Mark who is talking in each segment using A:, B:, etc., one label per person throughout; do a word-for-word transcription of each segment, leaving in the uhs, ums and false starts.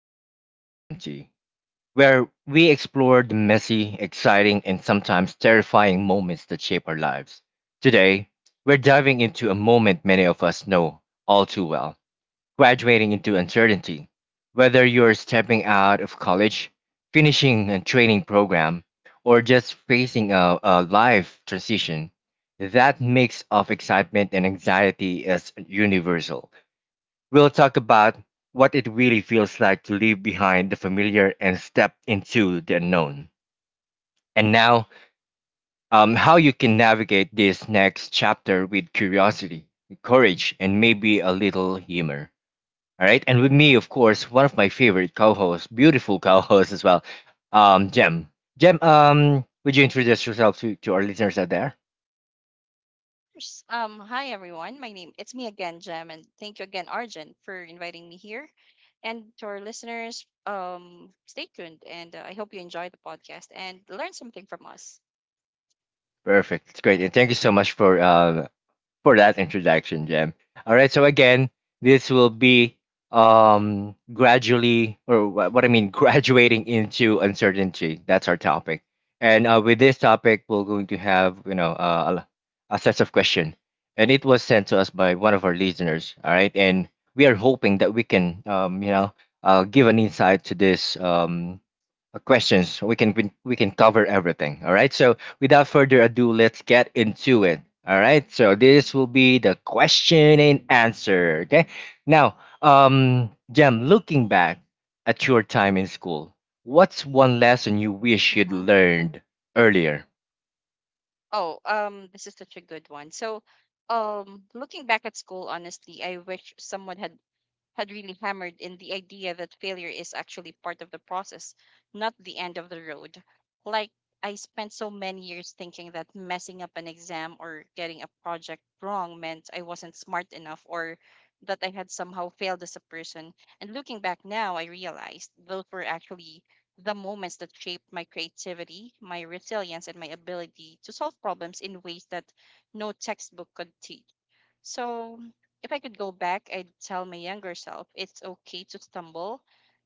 A: into uncertainty, where we explore the messy, exciting, and sometimes terrifying moments that shape our lives. Today, we're diving into a moment many of us know all too well, graduating into uncertainty. Whether you're stepping out of college, finishing a training program, or just facing a, a life transition, that mix of excitement and anxiety is universal. We'll talk about what it really feels like to leave behind the familiar and step into the unknown. And now, um, how you can navigate this next chapter with curiosity, courage, and maybe a little humor. All right. And with me, of course, one of my favorite co hosts, beautiful co hosts as well, um, Jem. Jem, um, would you introduce yourself to, to our listeners out there?
B: Course. Um, hi everyone. My name it's me again, Jem, and thank you again, Arjun, for inviting me here. And to our listeners, um, stay tuned, and uh, I hope you enjoy the podcast and learn something from us.
A: Perfect. It's great. And thank you so much for uh, for that introduction, Jem. All right, so again, this will be, um gradually or wha- what I mean graduating into uncertainty. That's our topic. And uh, with this topic, we're going to have, you know, uh, a a set of questions. And it was sent to us by one of our listeners, all right? And we are hoping that we can um, you know, uh, give an insight to this um uh, questions. We can we, we can cover everything. All right. So without further ado, let's get into it. All right. So this will be the question and answer. Okay. Now, um, Jem, looking back at your time in school, what's one lesson you wish you'd
B: hmm
A: learned earlier?
B: Oh, um, this is such a good one. So, um, looking back at school, honestly, I wish someone had had really hammered in the idea that failure is actually part of the process, not the end of the road. Like, I spent so many years thinking that messing up an exam or getting a project wrong meant I wasn't smart enough or that I had somehow failed as a person. And looking back now, I realized those were actually the moments that shaped my creativity, my resilience, and my ability to solve problems in ways that no textbook could teach. So, if I could go back, I'd tell my younger self it's okay to stumble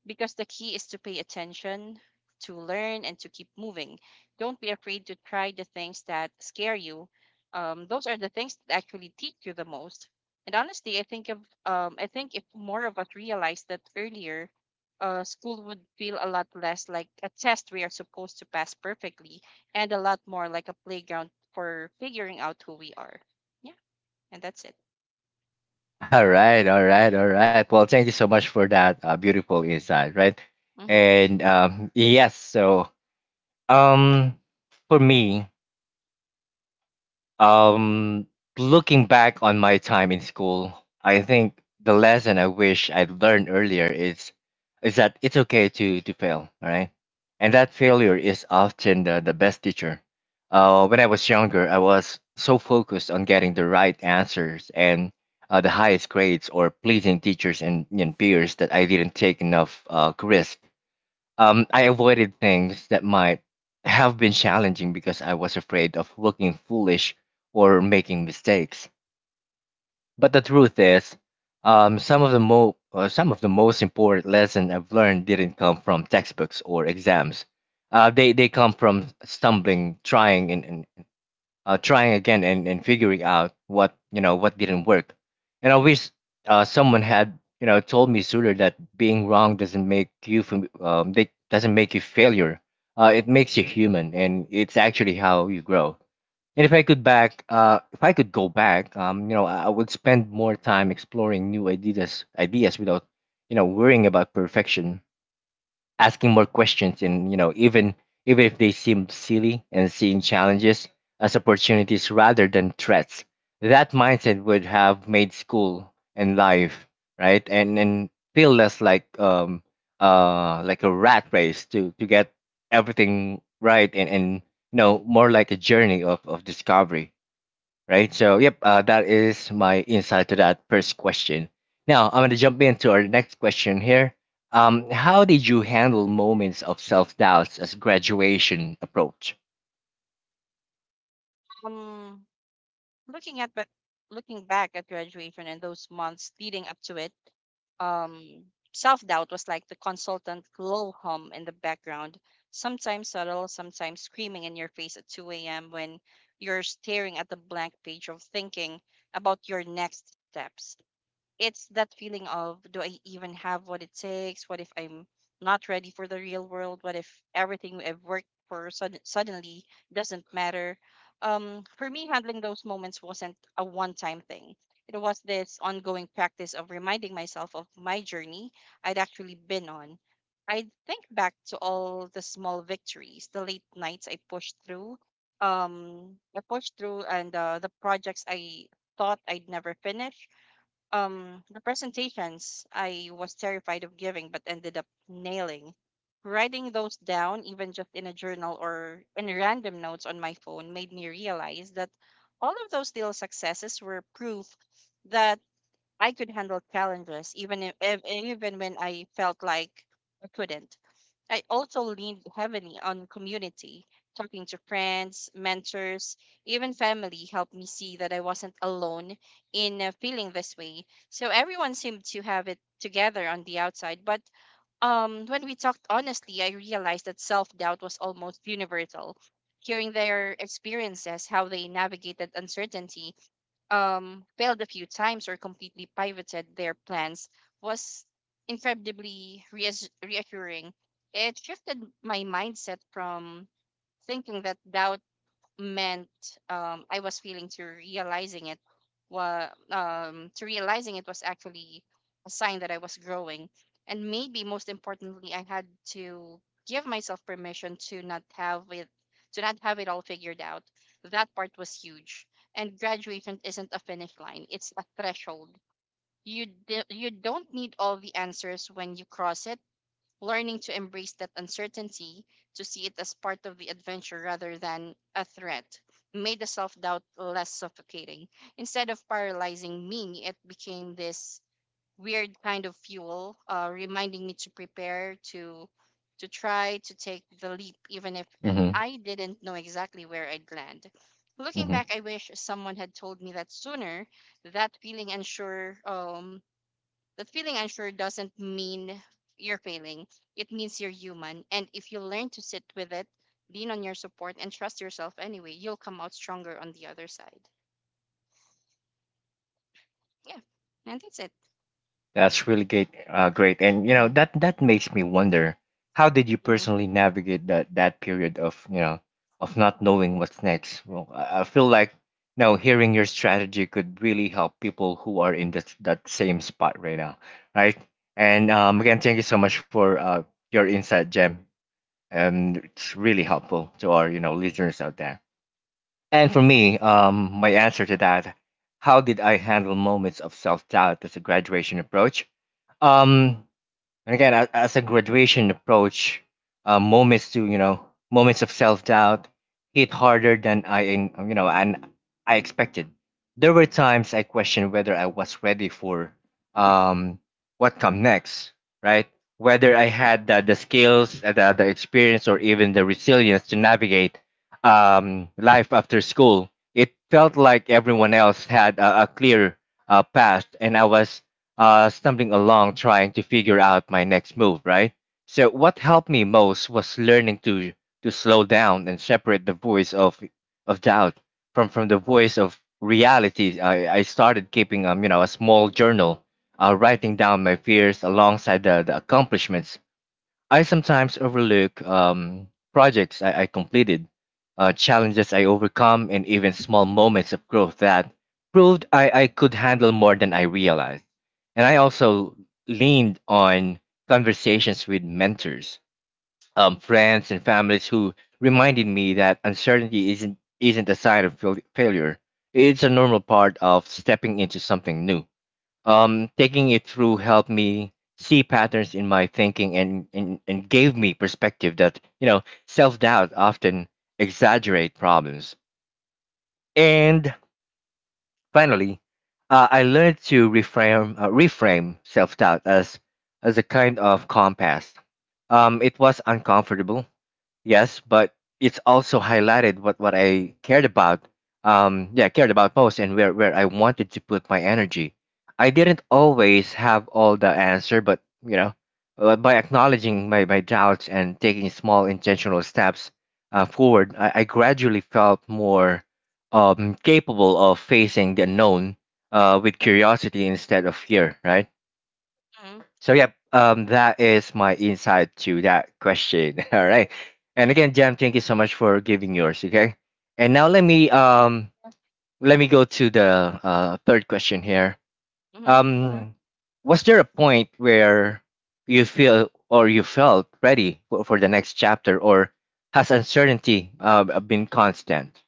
B: because the key is to pay attention, to learn, and to keep moving. Don't be afraid to try the things that scare you. Um, those are the things that actually teach you the most. And honestly, I think if um, I think if more of us realized that earlier, uh, school would feel a lot less like a test we are supposed to pass perfectly, and a lot more like a playground for figuring out who we are. Yeah, and that's it.
A: All right. All right. All right. Well, thank you so much for that uh, beautiful insight. Right.
B: Mm-hmm.
A: And um, yes. So um, for me, Um, looking back on my time in school, I think the lesson I wish I'd learned earlier is is that it's okay to to fail, all right? And that failure is often the, the best teacher. Uh, when I was younger, I was so focused on getting the right answers and uh, the highest grades, or pleasing teachers and, and peers, that I didn't take enough uh, risk. um, I avoided things that might have been challenging because I was afraid of looking foolish or making mistakes. But the truth is, um, some of the mo- uh, some of the most important lessons I've learned didn't come from textbooks or exams. Uh, they they come from stumbling, trying, and, and uh, trying again, and, and figuring out what you know what didn't work. And I wish uh, someone had you know told me sooner that being wrong doesn't make you fam- um, they, doesn't make you failure. Uh, it makes you human, and it's actually how you grow. And if i could back uh, if I could go back, um, you know i I would spend more time exploring new ideas ideas without you know worrying about perfection, asking more questions, and you know even even if they seem silly, and seeing challenges as opportunities rather than threats. That mindset would have made school and life, right, and and feel less like, um uh like a rat race to to get everything right, and and you know more like a journey of of discovery, right? So, yep, uh, that is my insight to that first question. Now, I'm going to jump into our next question here. Um, how did you handle moments of self doubts as graduation approach?
B: Um, looking at but Looking back at graduation and those months leading up to it, um, self doubt was like the consultant low hum in the background, sometimes subtle, sometimes screaming in your face at two a m when you're staring at the blank page of thinking about your next steps. It's that feeling of, do I even have what it takes? What if I'm not ready for the real world? What if everything I've worked for sud- suddenly doesn't matter? Um, for me, handling those moments wasn't a one time thing. It was this ongoing practice of reminding myself of my journey I'd actually been on. I would think back to all the small victories, the late nights I pushed through, um, I pushed through, and uh, the projects I thought I'd never finish, um, the presentations I was terrified of giving, but ended up nailing. Writing those down, even just in a journal or in random notes on my phone, made me realize that all of those little successes were proof that I could handle challenges, even if, if even when I felt like I couldn't. I also leaned heavily on community. Talking to friends, mentors, even family helped me see that I wasn't alone in uh, feeling this way. So everyone seemed to have it together on the outside, but um, when we talked honestly, I realized that self doubt was almost universal. Hearing their experiences, how they navigated uncertainty, um, failed a few times or completely pivoted their plans was incredibly reas reassuring. It shifted my mindset from thinking that doubt meant um I was feeling to realizing it was um to realizing it was actually a sign that I was growing. And maybe most importantly, I had to give myself permission to not have it to not have it all figured out. That part was huge. And graduation isn't a finish line, it's a threshold. You d- you don't need all the answers when you cross it. Learning to embrace that uncertainty, to see it as part of the adventure rather than a threat, made the self doubt less suffocating. Instead of paralyzing me, it became this weird kind of fuel, uh, reminding me to prepare, to to try, to take the leap, even if
A: Mm-hmm.
B: I didn't know exactly where I'd land. Looking back, I wish someone had told me that sooner. That feeling unsure um, that feeling unsure doesn't mean you're failing. It means you're human. And if you learn to sit with it, lean on your support, and trust yourself anyway, you'll come out stronger on the other side. Yeah. And that's it.
A: That's really great. Uh, great, and you know
B: Mm-hmm.
A: that that makes me wonder, how did you
B: Mm-hmm. All
A: personally navigate that that period of you know of not knowing what's next? Well, I, I feel like, you know, hearing your strategy could really help people who are in that that same spot right now, right? And um,
B: right.
A: again, thank you so much for uh, your insight, Jem, and it's really helpful to our, you know listeners out there. And for me, um, my answer to that: how did I handle moments of self doubt as a graduation approach? Um, and again, as, as a graduation approach, uh, moments, to you know moments of self doubt, hit harder than I in- you know and I expected. There were times I questioned whether I was ready for, um, what come next, right? Whether I had the, the skills, uh, the, the experience, or even the resilience to navigate um, life after school. It felt like everyone else had a, a clear uh, path, and I was uh, stumbling along trying to figure out my next move, right? So what helped me most was learning to, to slow down and separate the voice of of doubt from from the voice of reality. I, I started keeping, um you know a small journal, uh, writing down my fears alongside the, the accomplishments I sometimes overlook: um, projects I, I completed, uh, challenges I overcome, and even small moments of growth that proved I, I could handle more than I realized. And I also leaned on conversations with mentors, um, friends, and families, who reminded me that uncertainty isn't isn't a sign of fail- failure. It's a normal part of stepping into something new. Um, taking it through helped me see patterns in my thinking, and, and, and gave me perspective that, you know, self doubt often exaggerate problems. And finally, uh, I learned to reframe, uh, reframe self doubt as, as a kind of compass. Um, it was uncomfortable, yes, but it's also highlighted what, what I cared about. Um, yeah, cared about most, and where, where I wanted to put my energy. I didn't always have all the answer, but you know, uh, by acknowledging my, my doubts and taking small intentional steps uh, forward, I, I gradually felt more, um, capable of facing the unknown uh, with curiosity instead of fear, right?
B: Mm-hmm.
A: So yeah, um, that is my insight to that question. All right, and again, Jam, thank you so much for giving yours. Okay, and now let me,
B: Yeah.
A: um let me go to the uh, third question here.
B: Mm-hmm.
A: Um, was there a point where you feel or you felt ready for, for the next chapter, or has uncertainty uh, been constant?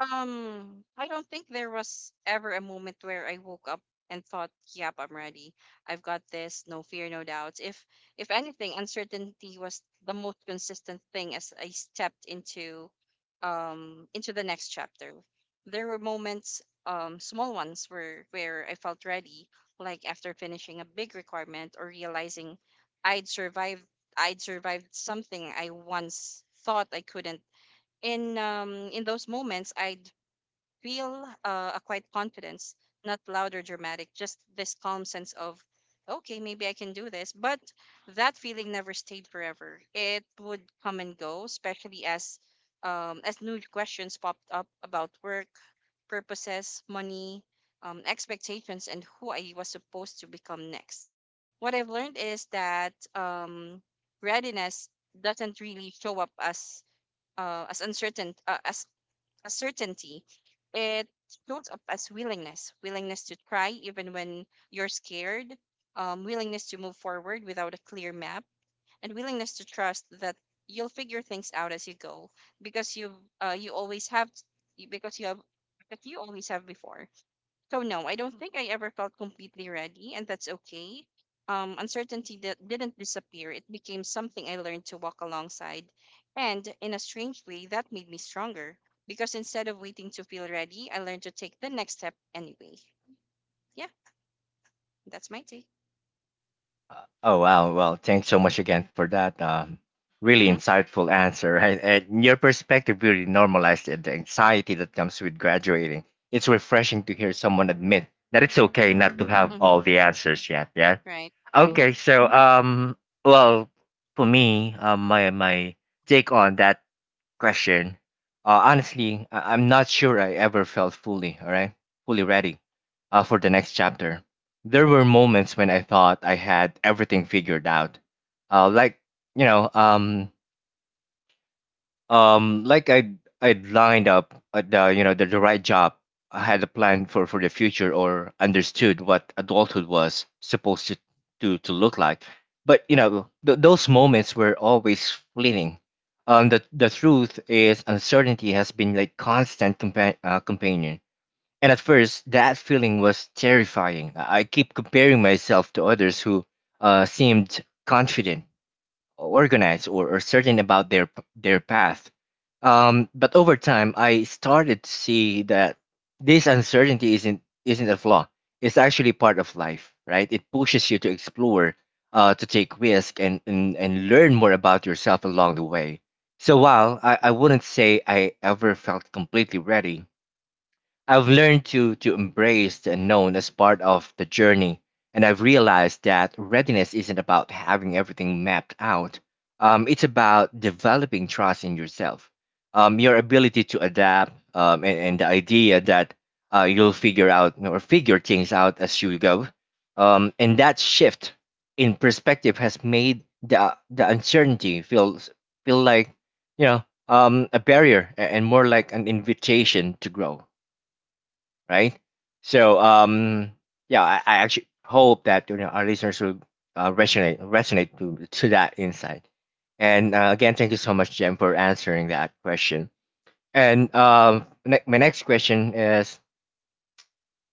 B: Um, I don't think there was ever a moment where I woke up and thought, "Yep, I'm ready. I've got this. No fear, no doubts." If if anything, uncertainty was the most consistent thing as I stepped into um into the next chapter. There were moments, um, small ones where where I felt ready, like after finishing a big requirement or realizing I'd survived I'd survived something I once thought I couldn't. In um in those moments I feel uh, a quiet confidence, not loud or dramatic, just this calm sense of, okay, maybe I can do this. But that feeling never stayed forever. It would come and go, especially as um, as new questions popped up about work, purposes, money, um, expectations, and who I was supposed to become next. What I've learned is that um, readiness doesn't really show up as uh, as uncertain uh, as a certainty. It shows up as willingness, willingness to try even when you're scared, um, willingness to move forward without a clear map, and willingness to trust that you'll figure things out as you go because you uh, you always have because you have because you always have before. So no, I don't think I ever felt completely ready, and that's okay. Um, uncertainty di- didn't disappear. It became something I learned to walk alongside, and in a strange way, that made me stronger because instead of waiting to feel ready, I learned to take the next step anyway. Yeah, that's my take.
A: Oh wow, well, thanks so much again for that um, really
B: Mm-hmm.
A: insightful answer. Right? And your perspective really normalized it, the anxiety that comes with graduating. It's refreshing to hear someone admit that it's okay not to have
B: Mm-hmm.
A: all the answers yet. Yeah.
B: Right. Mm-hmm.
A: Okay, so um, well, for me, uh, my my take on that question. Uh, honestly, I- I'm not sure I ever felt fully, all right, fully ready uh, for the next chapter. There were moments when I thought I had everything figured out, uh, like you know, um, um like i'd i'd lined up at the, you know the, the right job. I had a plan for for the future, or understood what adulthood was supposed to to, to look like, but you know th- those moments were always fleeting. Um the the truth is, uncertainty has been like, constant compa- uh, companion. And at first that feeling was terrifying. I I keep comparing myself to others who uh seemed confident, organized, or, or certain about their p- their path. Um, but over time, I started to see that this uncertainty isn't isn't a flaw. It's actually part of life, right? It pushes you to explore, uh, to take risk, and, and and learn more about yourself along the way. So while I, I wouldn't say I ever felt completely ready, I've learned to to embrace the unknown as part of the journey, and I've realized that readiness isn't about having everything mapped out. Um, it's about developing trust in yourself, um, your ability to adapt, um, and, and the idea that, uh, you'll figure out or figure things out as you go. Um, and that shift in perspective has made the the uncertainty feel feel like, you know um, a barrier, a- and more like an invitation to grow, right? So um, yeah, I, I actually hope that, you know our listeners will uh, resonate resonate to to that insight. And uh, again, thank you so much, Jem, for answering that question. And um, ne- my next question is: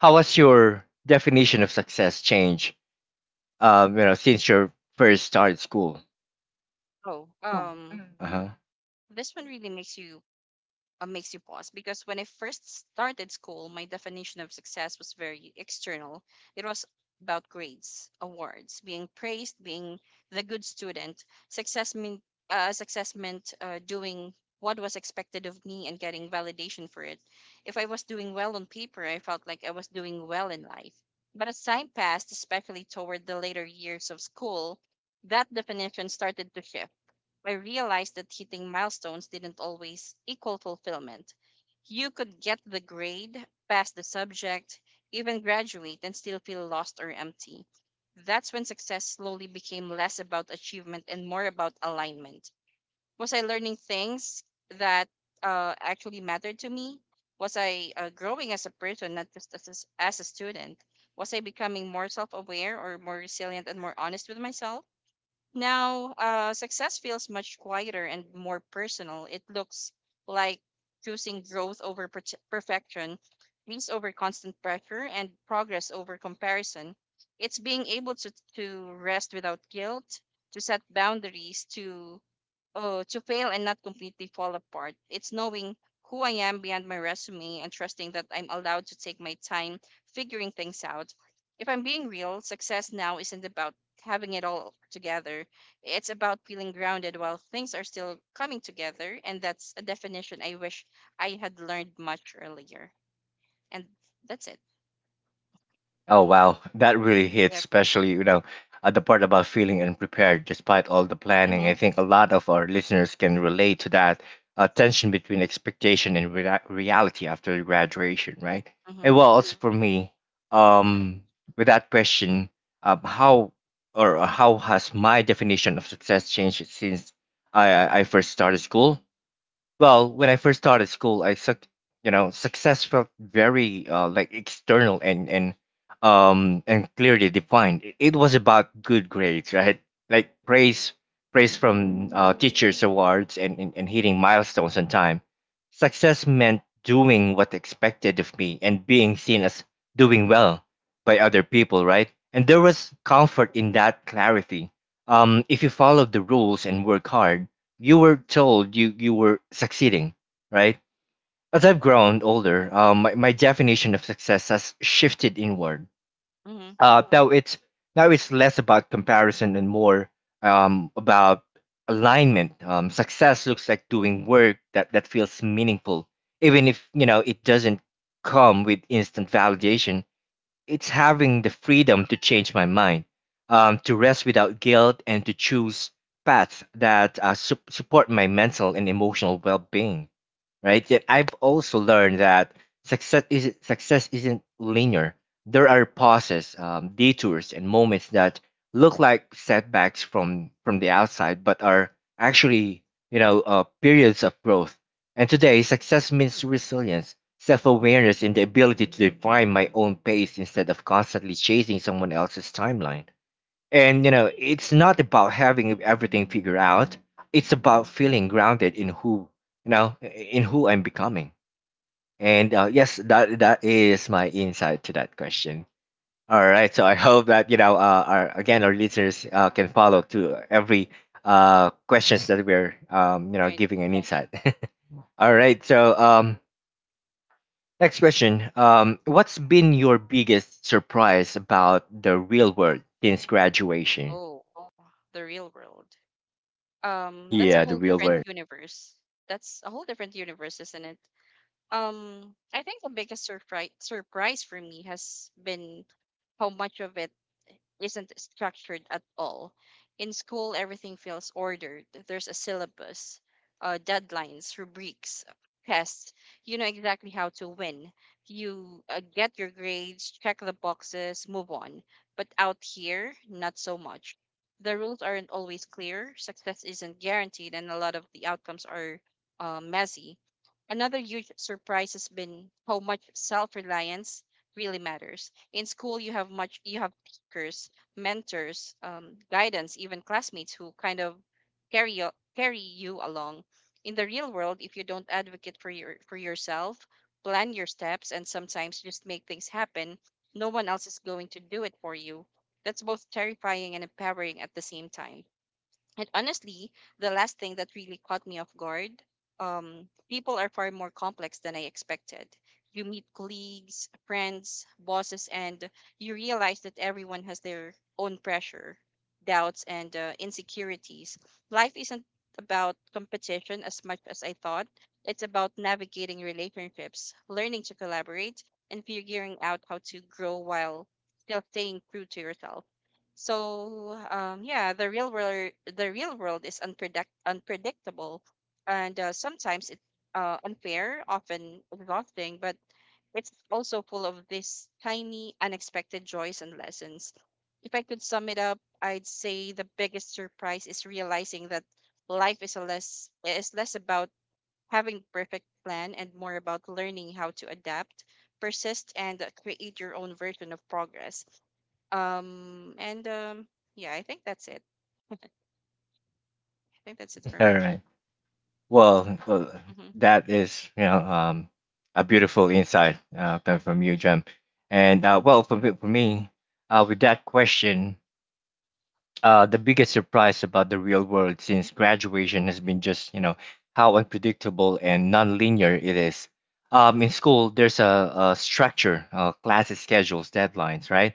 A: how has your definition of success changed? Um, you know, since your first started school.
B: Oh, um,
A: Uh-huh.
B: this one really makes you uh, makes you pause because when I first started school, my definition of success was very external. It was about grades, awards, being praised, being the good student. Success meant uh, Success meant uh, doing what was expected of me and getting validation for it. If I was doing well on paper, I felt like I was doing well in life. But as time passed, especially toward the later years of school, that definition started to shift. I realized that hitting milestones didn't always equal fulfillment. You could get the grade, pass the subject, even graduate, and still feel lost or empty. That's when success slowly became less about achievement and more about alignment. Was I learning things that uh, actually mattered to me? Was I uh, growing as a person, not just as a, as a student? Was I becoming more self aware or more resilient and more honest with myself? Now, uh, success feels much quieter and more personal. It looks like choosing growth over per- perfection, peace over constant pressure, and progress over comparison. It's being able to, to rest without guilt, to set boundaries, to Oh, to fail and not completely fall apart. It's knowing who I am beyond my resume and trusting that I'm allowed to take my time figuring things out. If I'm being real, success now isn't about having it all together. It's about feeling grounded while things are still coming together. And that's a definition I wish I had learned much earlier. And that's it.
A: Oh wow, that really hits,
B: Yep.
A: especially, you know uh, the part about feeling unprepared despite all the
B: Mm
A: planning. I
B: hmm.
A: think a lot of our listeners can relate to that uh, tension between expectation and rea- reality after graduation, right?
B: Mm hmm.
A: And well, also for me, um, with that question, uh, how or uh, how has my definition of success changed since I I I first started school? Well, when I first started school, I suck, you know, success felt very uh, like external and, and um and clearly defined. It it was about good grades, right? Like praise, praise from uh, teachers, awards, and, and and hitting milestones on time. Success meant doing what expected of me and being seen as doing well by other people, right? And there was comfort in that clarity. Um, if you follow the rules and work hard, you were told you you were succeeding, right? As I've grown older, um, my, my definition of success has shifted inward.
B: Mm hmm.
A: Uh, now it's now it's less about comparison and more um, about alignment. Um, success looks like doing work that that feels meaningful, even if, you know, it doesn't come with instant validation. It's having the freedom to change my mind, um, to rest without guilt, and to choose paths that uh, sup- support my mental and emotional well being, right? Yet I've also learned that success isn't success isn't linear. There are pauses, um, detours, and moments that look like setbacks from from the outside, but are actually, you know, uh, periods of growth. And today, success means resilience, self-awareness, and the ability to define my own pace instead of constantly chasing someone else's timeline. And you know, it's not about having everything figured out. It's about feeling grounded in who you know in who I'm becoming. And uh, yes, that that is my insight to that question. All right, so I hope that, you know, uh, our, again, our listeners uh, can follow to every uh questions that we're, um you know,
B: Right.
A: giving an
B: Mm-hmm.
A: insight. All right, so um next question, um what's been your biggest surprise about the real world since graduation?
B: Oh, wow. The real world. Um that's a
A: Yeah, the
B: whole
A: real
B: different
A: world.
B: universe. That's a whole different universe isn't it? um I think the biggest surprise surprise for me has been how much of it isn't structured at all. In school, everything feels ordered. There's a syllabus, uh, deadlines, rubrics, tests. You know exactly how to win. You uh, get your grades, check the boxes, move on. But out here, not so much. The rules aren't always clear, success isn't guaranteed, and a lot of the outcomes are uh, messy. Another huge surprise has been how much self reliance really matters. In school you have much you have teachers, mentors, um, guidance, even classmates who kind of carry you, carry you along. In the real world, if you don't advocate for your for yourself, plan your steps, and sometimes just make things happen, no one else is going to do it for you. That's both terrifying and empowering at the same time. And honestly, the last thing that really caught me off guard, um, people are far more complex than I expected. You meet colleagues, friends, bosses, and you realize that everyone has their own pressure, doubts, and uh, insecurities. Life isn't about competition as much as I thought, it's about navigating relationships, learning to collaborate, and figuring out how to grow while still staying true to yourself. So um, yeah, the real world the real world is unpredict unpredictable, and uh, sometimes it's uh, unfair, often exhausting, but it's also full of these tiny unexpected joys and lessons. If I could sum it up, I'd say the biggest surprise is realizing that life is a less is less about having perfect plan and more about learning how to adapt, persist, and uh, create your own version of progress. Um, and um, yeah, I think that's it. I think that's it for
A: All
B: me.
A: right. Well, well,
B: Mm-hmm.
A: that is, you know, um, a beautiful insight uh, coming from you, Jem. And uh,
B: Mm-hmm.
A: well, for me, for me uh, with that question, uh, the biggest surprise about the real world since graduation has been just, you know, how unpredictable and nonlinear it is. Um, in school, there's a, a structure, uh, classes, schedules, deadlines, right?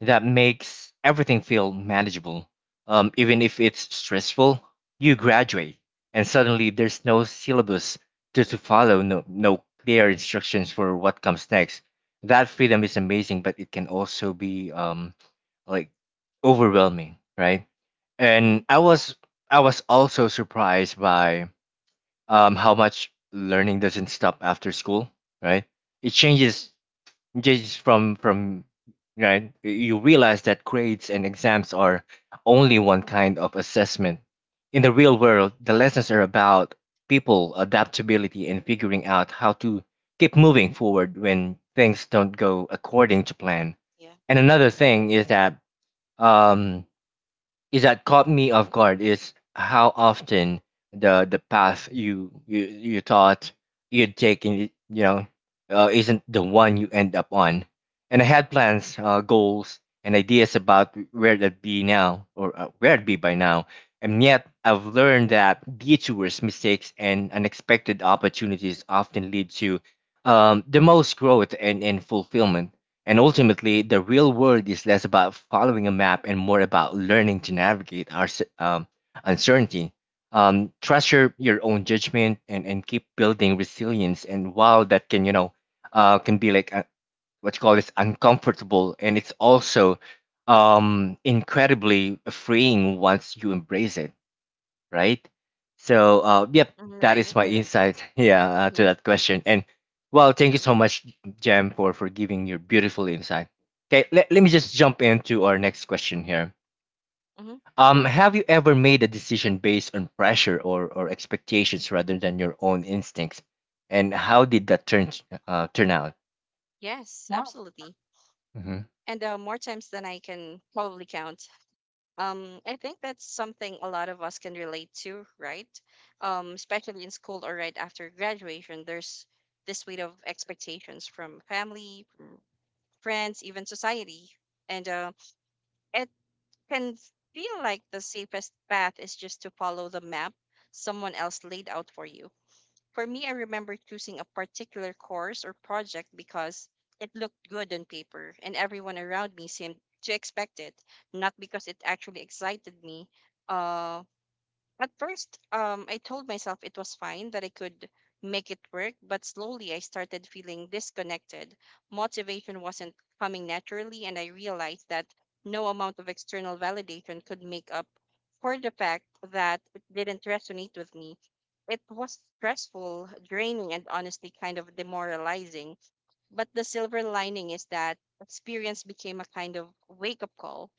A: That makes everything feel manageable. Um, even if it's stressful, you graduate, and suddenly there's no syllabus to, to follow, no, no clear instructions for what comes next. That freedom is amazing, but it can also be, um, like overwhelming, right?
B: Mm-hmm.
A: And I was I was also surprised by um, how much learning doesn't stop after school, right? It changes just from from right. You realize that grades and exams are only one kind of assessment. In the real
B: Yeah,
A: world, the lessons are about people, adaptability, and figuring out how to keep moving forward when things don't go according to plan.
B: yeah.
A: And
B: And
A: another thing is that um is that caught me off guard is how often the the path you you, you thought you'd take, and, you you know, uh, isn't the one you end up on. And I had plans, uh, goals, and ideas about where that'd be now, or uh, where it'd be by now. And yet I've learned that detours, mistakes, and unexpected opportunities often lead to um, the most growth and, and fulfillment. And ultimately, the real world is less about following a map and more about learning to navigate our s- um, uncertainty. Um, trust your, your own judgment and, and keep building resilience. And while that can, you know, uh, can be like, uh what you call this uncomfortable, and it's also um, incredibly freeing once you embrace it, right? So, uh, yep,
B: mhm,
A: that
B: right.
A: is my insight, yeah, uh, to
B: Mm-hmm.
A: that question. And well, thank you so much, Jam, for for giving your beautiful insight. Okay, let, let me just jump into our next question here.
B: Mm-hmm.
A: Um, have you ever made a decision based on pressure or or expectations rather than your own instincts, and how did that turn uh turn out?
B: Yes, absolutely.
A: Hmm.
B: And uh, more times than I can probably count. Um, I think that's something a lot of us can relate to, right? Um, especially in school or right after graduation, there's this weight of expectations from family, from friends, even society. And uh, it can feel like the safest path is just to follow the map someone else laid out for you. For me, I remember choosing a particular course or project because it looked good on paper and everyone around me seemed to expect it, not because it actually excited me. Um, at first, um, I told myself it was fine, that I could make it work, but slowly I started feeling disconnected. Motivation wasn't coming naturally, and I realized that no amount of external validation could make up for the fact that it didn't resonate with me. It was stressful, draining, and honestly kind of demoralizing. But the silver lining is that experience became a kind of wake up call.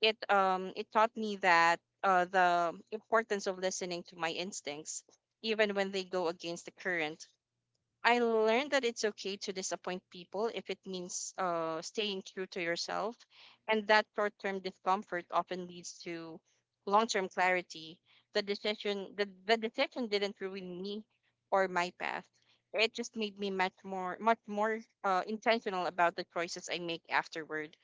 B: It um it taught me that uh the importance of listening to my instincts, even when they go against the current. I learned that it's okay to disappoint people if it means uh staying true to yourself, and that short-term discomfort often leads to long-term clarity. The decision the, the decision didn't ruin me or my path. It just made me much more much more uh, intentional about the choices I make afterward.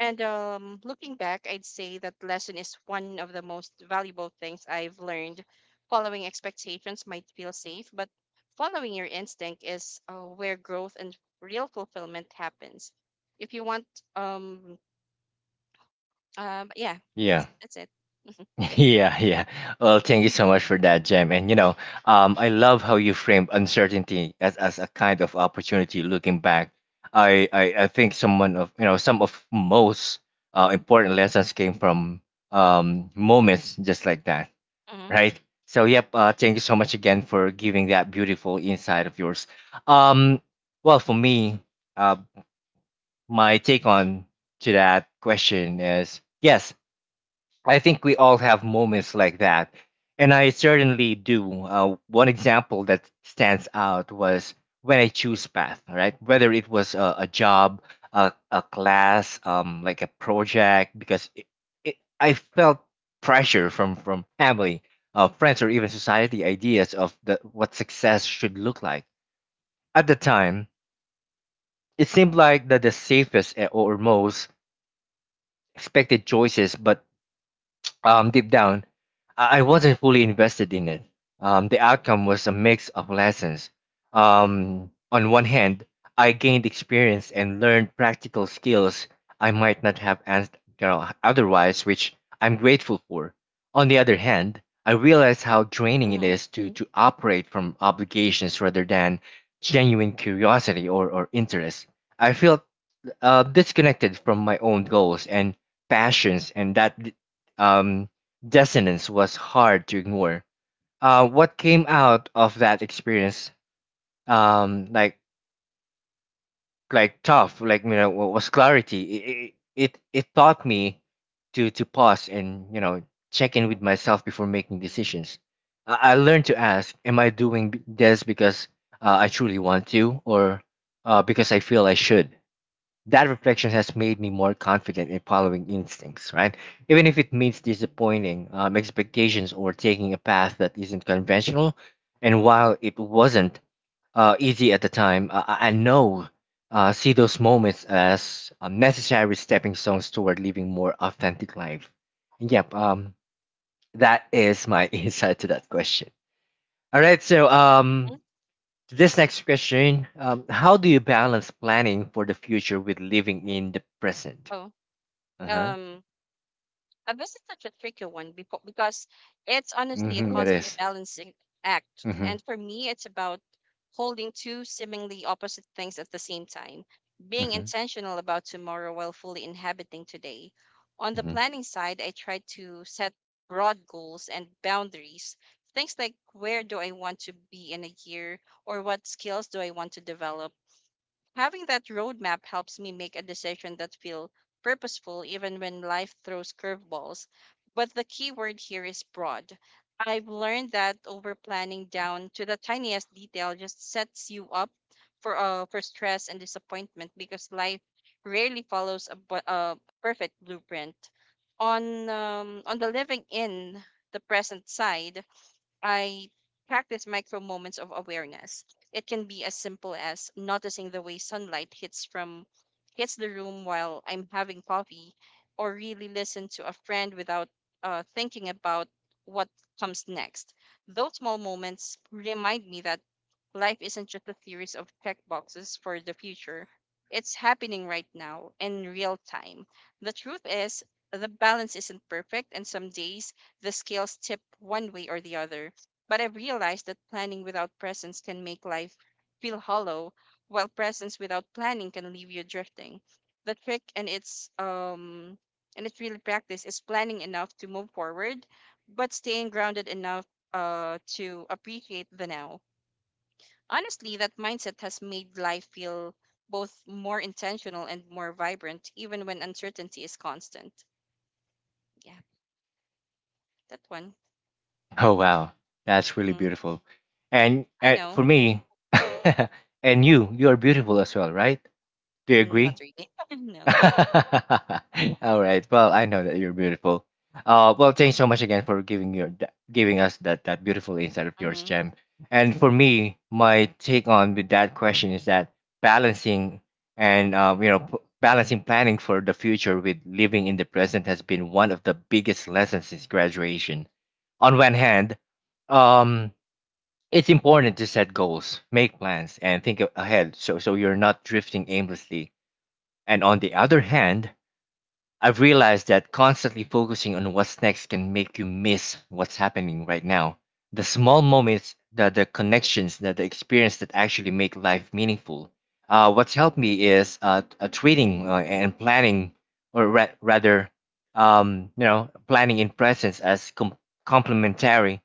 B: And um, looking back, I'd say that lesson is one of the most valuable things I've learned. Following expectations might feel safe, but following your instinct is uh, where growth and real fulfillment happens. If you want, um, um, yeah,
A: Yeah.
B: that's that's it.
A: Yeah, yeah. Well, thank you so much for that, Jem. And you know, um, I love how you framed uncertainty as, as a kind of opportunity. Looking back, I, I, I think someone of, you know, some of most uh, important lessons came from um, moments just like that,
B: Hmm.
A: right? So, yep. Uh, thank you so much again for giving that beautiful insight of yours. Um, well, for me, uh, my take on to that question is yes, I think we all have moments like that, and I certainly do. Uh, one example that stands out was when I choose path, right? Whether it was a, a job, a, a class, um, like a project, because it, it, I felt pressure from from family, uh, friends, or even society ideas of the what success should look like. At the time, it seemed like the, the safest, eh, or most expected choices, but Um, deep down, I I wasn't fully invested in it. Um, the outcome was a mix of lessons. Um, on one hand, I gained experience and learned practical skills I might not have ans- you know, otherwise, which I'm grateful for. On the other hand, I realized how draining it
B: Hmm.
A: is to, to operate from obligations rather than genuine curiosity or, or interest. I felt uh, disconnected from my own goals and passions, and that d- um, dissonance was hard to ignore. Uh, what came out of that experience, um, like like tough, like you know, wa- was clarity. It it, it taught me to to pause and, you know, check in with myself before making decisions. I, I learned to ask, "Am I doing b- this because, uh, I truly want to, or, uh, because I feel I should?" That reflection has made me more confident in following instincts, right? Even if it means disappointing, um, expectations or taking a path that isn't conventional. And while it wasn't, uh, easy at the time, I, I I know, uh, see those moments as, uh, necessary stepping stones toward living more authentic life. Yep, um, that is my insight to that question. All right, so um,
B: Hmm.
A: to this next question, um, how do you balance planning for the future with living in the present?
B: Oh,
A: Uh huh.
B: um, a visit such a tricky one beco- because it's honestly a
A: Mm-hmm, is.
B: constant
A: Beautiful.
B: balancing act.
A: Mm-hmm,
B: And for me, it's about holding two seemingly opposite things at the same time, being
A: mm-hmm,
B: intentional about tomorrow while fully inhabiting today. On the
A: mm-hmm.
B: planning side, I try to set broad goals and boundaries. Things like where do I want to be in a year, or what skills do I want to develop? Having that roadmap helps me make a decision that feel purposeful even when life throws curveballs. But the key word here is broad. I've learned that over planning down to the tiniest detail just sets you up for uh, for stress and disappointment because life rarely follows a, bu- a perfect blueprint. On um, on the living in the present side, I practice micro moments of awareness. It can be as simple as noticing the way sunlight hits from hits the room while I'm having coffee, or really listen to a friend without uh, thinking about what comes next. Those small moments remind me that life isn't just a series of checkboxes for the future. It's happening right now in real time. The truth is, the balance isn't perfect, and some days the scales tip one way or the other, but I've realized that planning without presence can make life feel hollow, while presence without planning can leave you drifting. The trick, and it's um, and it's really practice, is planning enough to move forward, but staying grounded enough uh to appreciate the now. Honestly, that mindset has made life feel both more intentional and more vibrant, even when uncertainty is constant. Yeah, that one.
A: Oh wow, that's really
B: Mhm.
A: beautiful. And,
B: I
A: and
B: know.
A: for me, and you, you are beautiful as well, right? Do you
B: Mm, not
A: agree?
B: really. No.
A: All right. Well, I know that you're beautiful. Uh, well, thanks so much again for giving your th- giving us that that beautiful insight of yours,
B: Hmm.
A: Jem. And for me, my take on with that question is that balancing and, um, you know, p- balancing planning for the future with living in the present has been one of the biggest lessons since graduation. On one hand, um, it's important to set goals, make plans, and think a- ahead, so so you're not drifting aimlessly. And on the other hand, I've realized that constantly focusing on what's next can make you miss what's happening right now. The small moments, the, the connections, the, the experience that actually make life meaningful. Uh, what's helped me is uh, uh, treating, uh, and planning, or ra- rather, um, you know, planning in presence as com- complementary,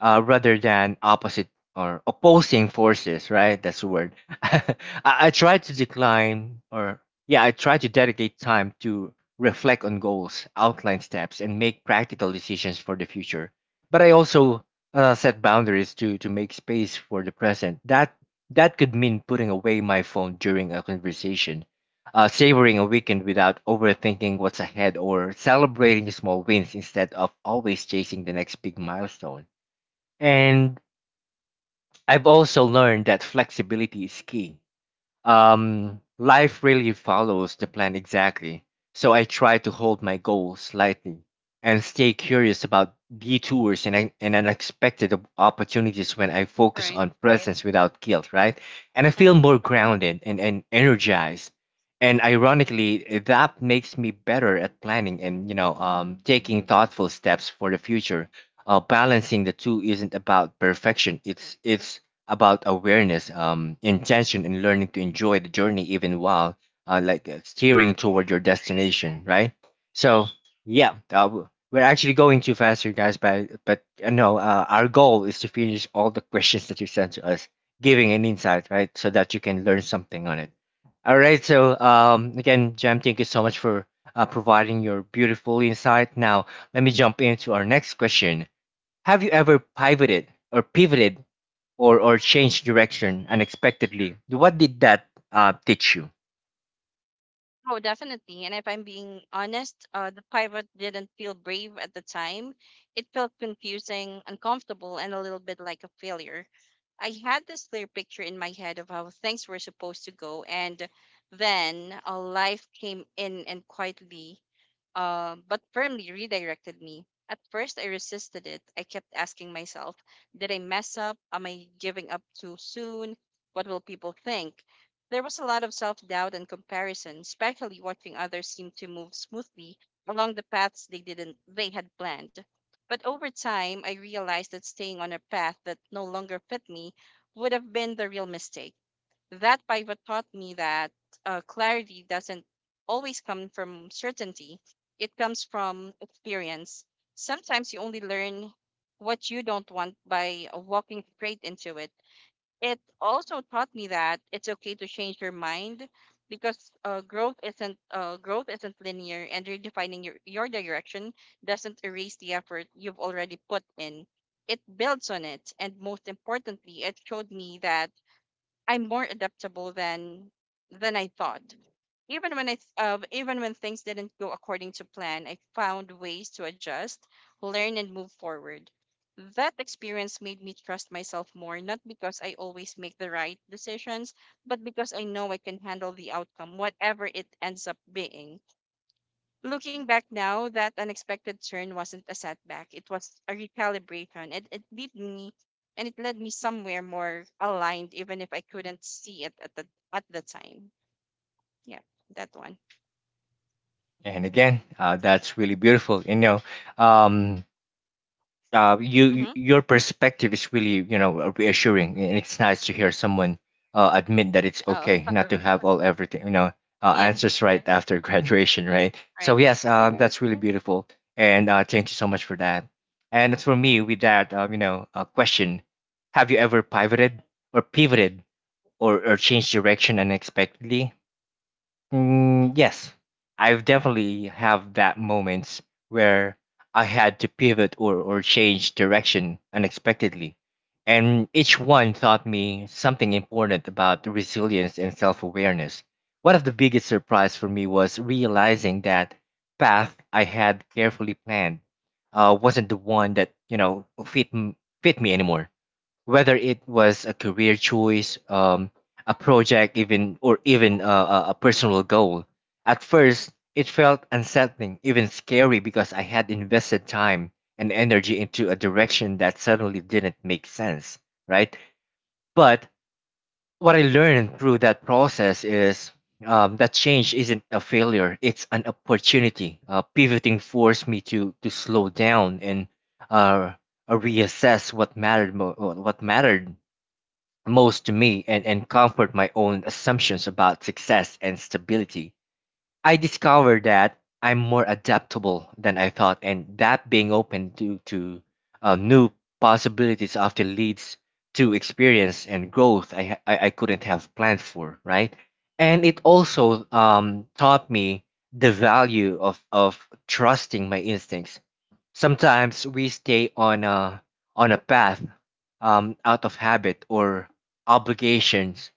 A: uh, rather than opposite or opposing forces, right? That's the word. I, I try to decline or, yeah, I try to dedicate time to reflect on goals, outline steps, and make practical decisions for the future. But I also, uh, set boundaries to to make space for the present. That that could mean putting away my phone during a conversation, uh, savoring a weekend without overthinking what's ahead, or celebrating small wins instead of always chasing the next big milestone. And I've also learned that flexibility is key. Um, life really follows the plan exactly. So I try to hold my goal slightly and stay curious about detours and, un- and unexpected op- opportunities. When I focus
B: Right.
A: on presence without guilt, right? And I feel
B: Mm-hmm.
A: more grounded and, and energized. And ironically, eh, that makes me better at planning and, you know, um, taking thoughtful steps for the future. Uh, balancing the two isn't about perfection. It's it's about awareness, um, intention, and learning to enjoy the journey even while, uh, like uh, steering toward your destination, right? So yeah, uh, w- we're actually going too fast here, guys. But but uh, no, uh, our goal is to finish all the questions that you sent to us, giving an insight, right, so that you can learn something on it. All right. So um, again, Jam, thank you so much for, uh, providing your beautiful insight. Now let me jump into our next question. Have you ever pivoted or pivoted or or changed direction unexpectedly? What did that uh, teach you?
B: Oh, definitely. And if I'm being honest, uh, the pivot didn't feel brave at the time. It felt confusing, uncomfortable, and a little bit like a failure. I had this clear picture in my head of how things were supposed to go, and then uh, life came in and quietly, uh, but firmly redirected me. At first, I resisted it. I kept asking myself, "Did I mess up? Am I giving up too soon? What will people think?" There was a lot of self doubt and comparison, especially watching others seem to move smoothly along the paths they didn't they had planned. But over time I realized that staying on a path that no longer fit me would have been the real mistake. That pivot taught me that uh, clarity doesn't always come from certainty. It comes from experience. Sometimes you only learn what you don't want by uh, walking straight into it. It also taught me that it's okay to change your mind, because uh, growth isn't uh, growth isn't linear, and redefining your your direction doesn't erase the effort you've already put in. It builds on it, and most importantly, it showed me that I'm more adaptable than than I thought. Even when I th- uh, even when things didn't go according to plan, I found ways to adjust, learn, and move forward. That experience made me trust myself more, not because I always make the right decisions, but because I know I can handle the outcome, whatever it ends up being. Looking back now, that unexpected turn wasn't a setback. It was a recalibration. It, it beat me and it led me somewhere more aligned, even if I couldn't see it at the, at the time. Yeah, that one.
A: And again, uh, that's really beautiful. You know, um, uh, you you-
B: Mm-hmm.
A: your perspective is really you know reassuring, and it's nice to hear someone uh, admit that it's
B: Oh,
A: okay not to have all everything you know uh,
B: yeah,
A: answers right after graduation, right? So
B: right, right.
A: yes,
B: Yeah,
A: um, that's really beautiful, and uh, thank you so much for that. And as for me, with that um, you know uh, question, have you ever pivoted or pivoted or, or changed direction unexpectedly? Mm, yes, I've definitely have that moments where I had to pivot or, or change direction unexpectedly. And each one taught me something important about resilience and self-awareness. One of the biggest surprise for me was realizing that path I had carefully planned uh, wasn't the one that, you know, fit m- fit me anymore, whether it was a career choice, um, a project, even, or even a, a a personal goal. At first, it felt unsettling, even scary, because I had invested time and energy into a direction that suddenly didn't make sense, right? But what I learned through that process is um, that change isn't a failure; it's an opportunity. Uh, pivoting forced me to to slow down and, uh, uh, reassess what mattered, mo- what what mattered most to me, and, and comfort my own assumptions about success and stability. I discovered that I'm more adaptable than I thought, and that being open to, to uh, new possibilities often leads to experience and growth I, ha- I, I couldn't have planned for, right? And it also um, taught me the value of, of trusting my instincts. Sometimes we stay on a on a path um, out of habit or obligations.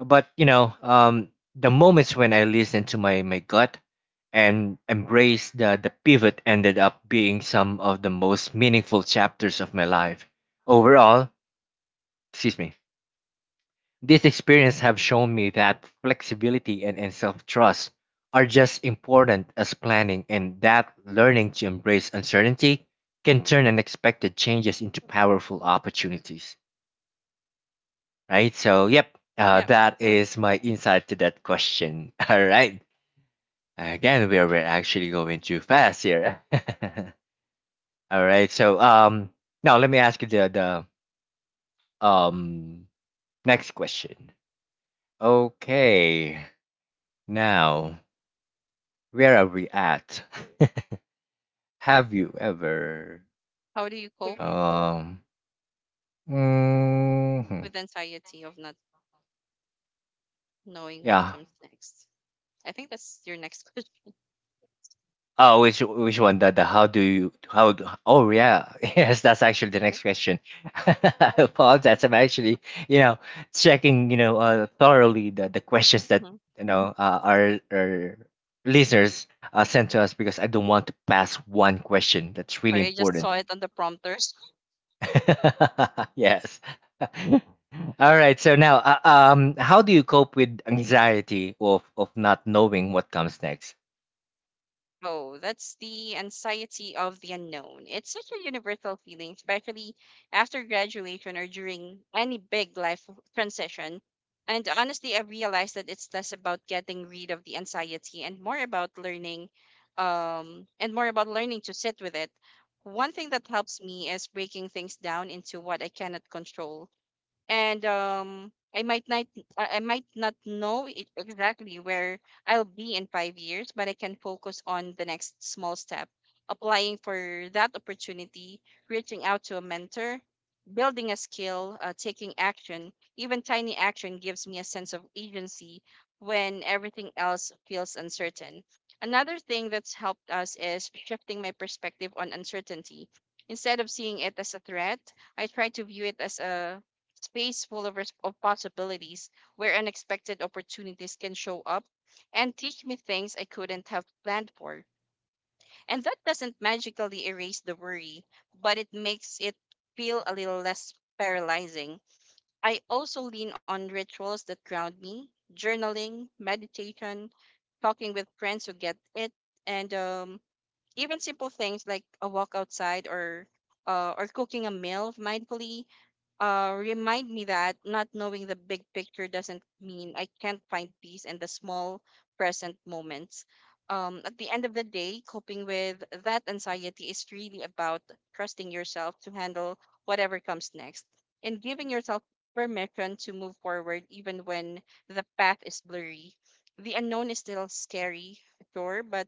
A: But you know, um, the moments when I listened to my, my gut and embraced the, the pivot ended up being some of the most meaningful chapters of my life. Overall, excuse me, these experiences have shown me that flexibility and, and self trust are just important as planning, and that learning to embrace uncertainty can turn unexpected changes into powerful opportunities. Right? So, yep, uh,
B: yeah.
A: that
B: Mhm.
A: is my insight to that question. All right. Again, we are we're actually going too fast here. All right. So, um, now let me ask you the, the um next question. Okay. Now, where are we at? Have you ever?
B: How do you cope
A: Um. mhm.
B: with anxiety of not knowing what
A: Yeah.
B: comes next? I think that's your next question.
A: Oh, which which one? The, the how do you how? Do- Oh yeah, yes, that's actually the next question. I apologize. I'm actually you know checking you know uh, thoroughly the, the questions that
B: Hmm.
A: you know uh, our our listeners uh, sent to us, because I don't want to pass one question that's really
B: Sorry, I just
A: important.
B: saw it on the prompter.
A: Yes. All right. So now, uh, um, how do you cope with anxiety of of not knowing what comes next?
B: Oh, that's the anxiety of the unknown. It's such a universal feeling, especially after graduation or during any big life transition. And honestly, I realized that it's less about getting rid of the anxiety and more about learning, um, and more about learning to sit with it. One thing that helps me is breaking things down into what I cannot control, and um I might not I I might not know it exactly where I'll be in five years, but I can focus on the next small step, applying for that opportunity, reaching out to a mentor, building a skill, uh, taking action. Even tiny action gives me a sense of agency when everything else feels uncertain. Another thing that's helped us is shifting my perspective on uncertainty. Instead of seeing it as a threat, I try to view it as a space full of, res- of possibilities where unexpected opportunities can show up and teach me things I couldn't have planned for. And that doesn't magically erase the worry, but it makes it feel a little less paralyzing. I also lean on rituals that ground me: journaling, meditation, talking with friends who get it, and um, even simple things like a walk outside, or uh, or cooking a meal mindfully uh, remind me that not knowing the big picture doesn't mean I can't find peace in the small present moments. Um, at the end of the day, coping with that anxiety is really about trusting yourself to handle whatever comes next and giving yourself permission to move forward even when the path is blurry. The unknown is still scary, sure, but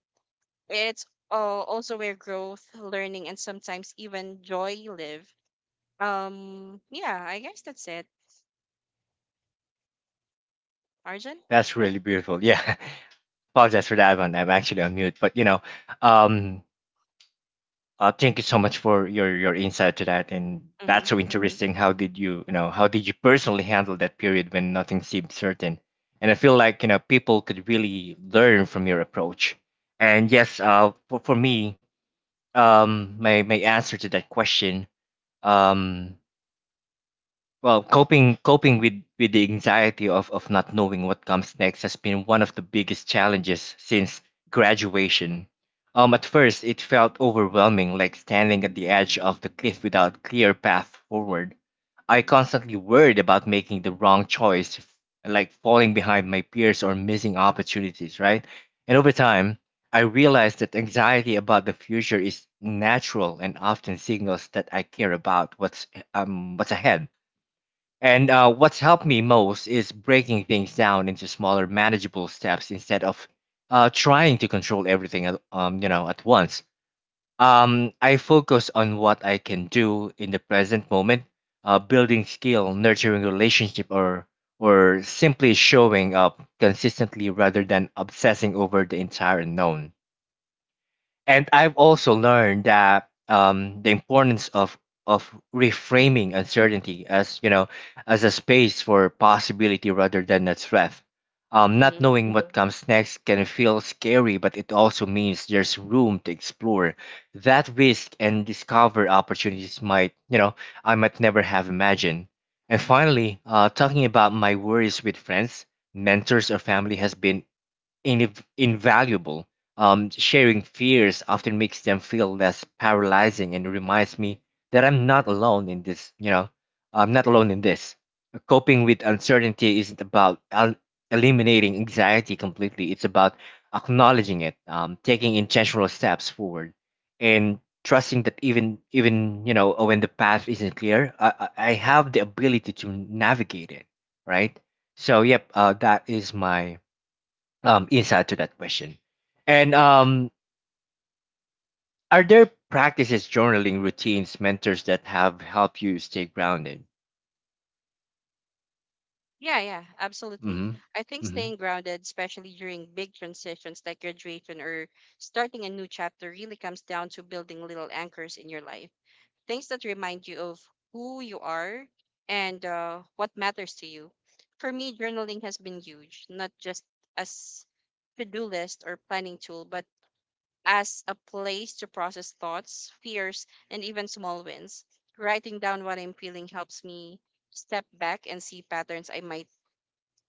B: it's uh, also where growth, learning, and sometimes even joy live. um, yeah, I guess that's it. Arjun?
A: That's really beautiful. Yeah. Apologize for that one. I'm actually on mute, but you know, um, uh, thank you so much for your your insight to that, and
B: Mm-hmm.
A: that's so interesting. How did you, you know, how did you personally handle that period when nothing seemed certain? And I feel like, you know, people could really learn from your approach. And yes, uh, for, for me, um my my answer to that question, um well, coping coping with, with the anxiety of, of not knowing what comes next has been one of the biggest challenges since graduation. Um, at first, it felt overwhelming, like standing at the edge of the cliff without clear path forward. I constantly worried about making the wrong choice, f- like falling behind my peers or missing opportunities, right? And over time, I realized that anxiety about the future is natural and often signals that I care about what's um what's ahead. And uh, what's helped me most is breaking things down into smaller, manageable steps instead of uh, trying to control everything, at- um, you know, at once. Um, I focus on what I can do in the present moment, uh, building skill, nurturing relationship, or or simply showing up consistently rather than obsessing over the entire unknown. And I've also learned that, um, the importance of of
B: Mm-hmm.
A: reframing uncertainty as, you know, as a space for possibility rather than a threat. Um, not
B: Mm-hmm.
A: knowing what comes next can feel scary, but it also means there's room to explore that risk and discover opportunities might, you know, I might never have imagined. And finally, uh, talking about my worries with friends, mentors, or family has been inv- invaluable. Um, sharing fears often makes them feel less paralyzing and reminds me that I'm not alone in this. You know, I'm not alone in this. Coping with uncertainty isn't about el- eliminating anxiety completely. It's about acknowledging it, um, taking intentional steps forward, and trusting that even even, you know, when the path isn't clear, I, I I have the ability to navigate it. Right. So yep, uh, that is my um, insight to that question. And um, are there practices, journaling routines, mentors that have helped you stay grounded?
B: Yeah, yeah, absolutely.
A: hmm
B: I think
A: hmm
B: staying grounded, especially during big transitions like graduation or starting a new chapter, really comes down to building little anchors in your life. Things that remind you of who you are and uh, what matters to you. For me, journaling has been huge, not just as to-do list or planning tool, but as a place to process thoughts, fears, and even small wins. Writing down what I'm feeling helps me step back and see patterns I might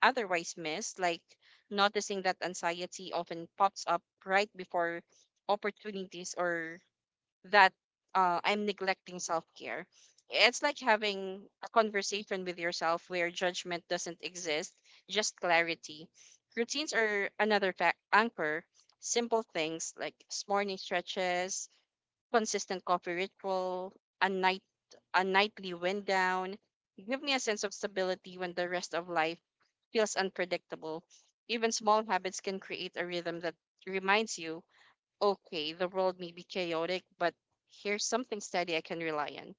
B: otherwise miss, like noticing that anxiety often pops up right before opportunities, or that uh, I'm neglecting self care. It's like having a conversation with yourself where judgment doesn't exist, just clarity. Routines are another fac anchor. Simple things like s- morning stretches, consistent coffee ritual, a night a nightly wind down give me a sense of stability when the rest of life feels unpredictable. Even small habits can create a rhythm that reminds you, okay, the world may be chaotic, but here's something steady I can rely on.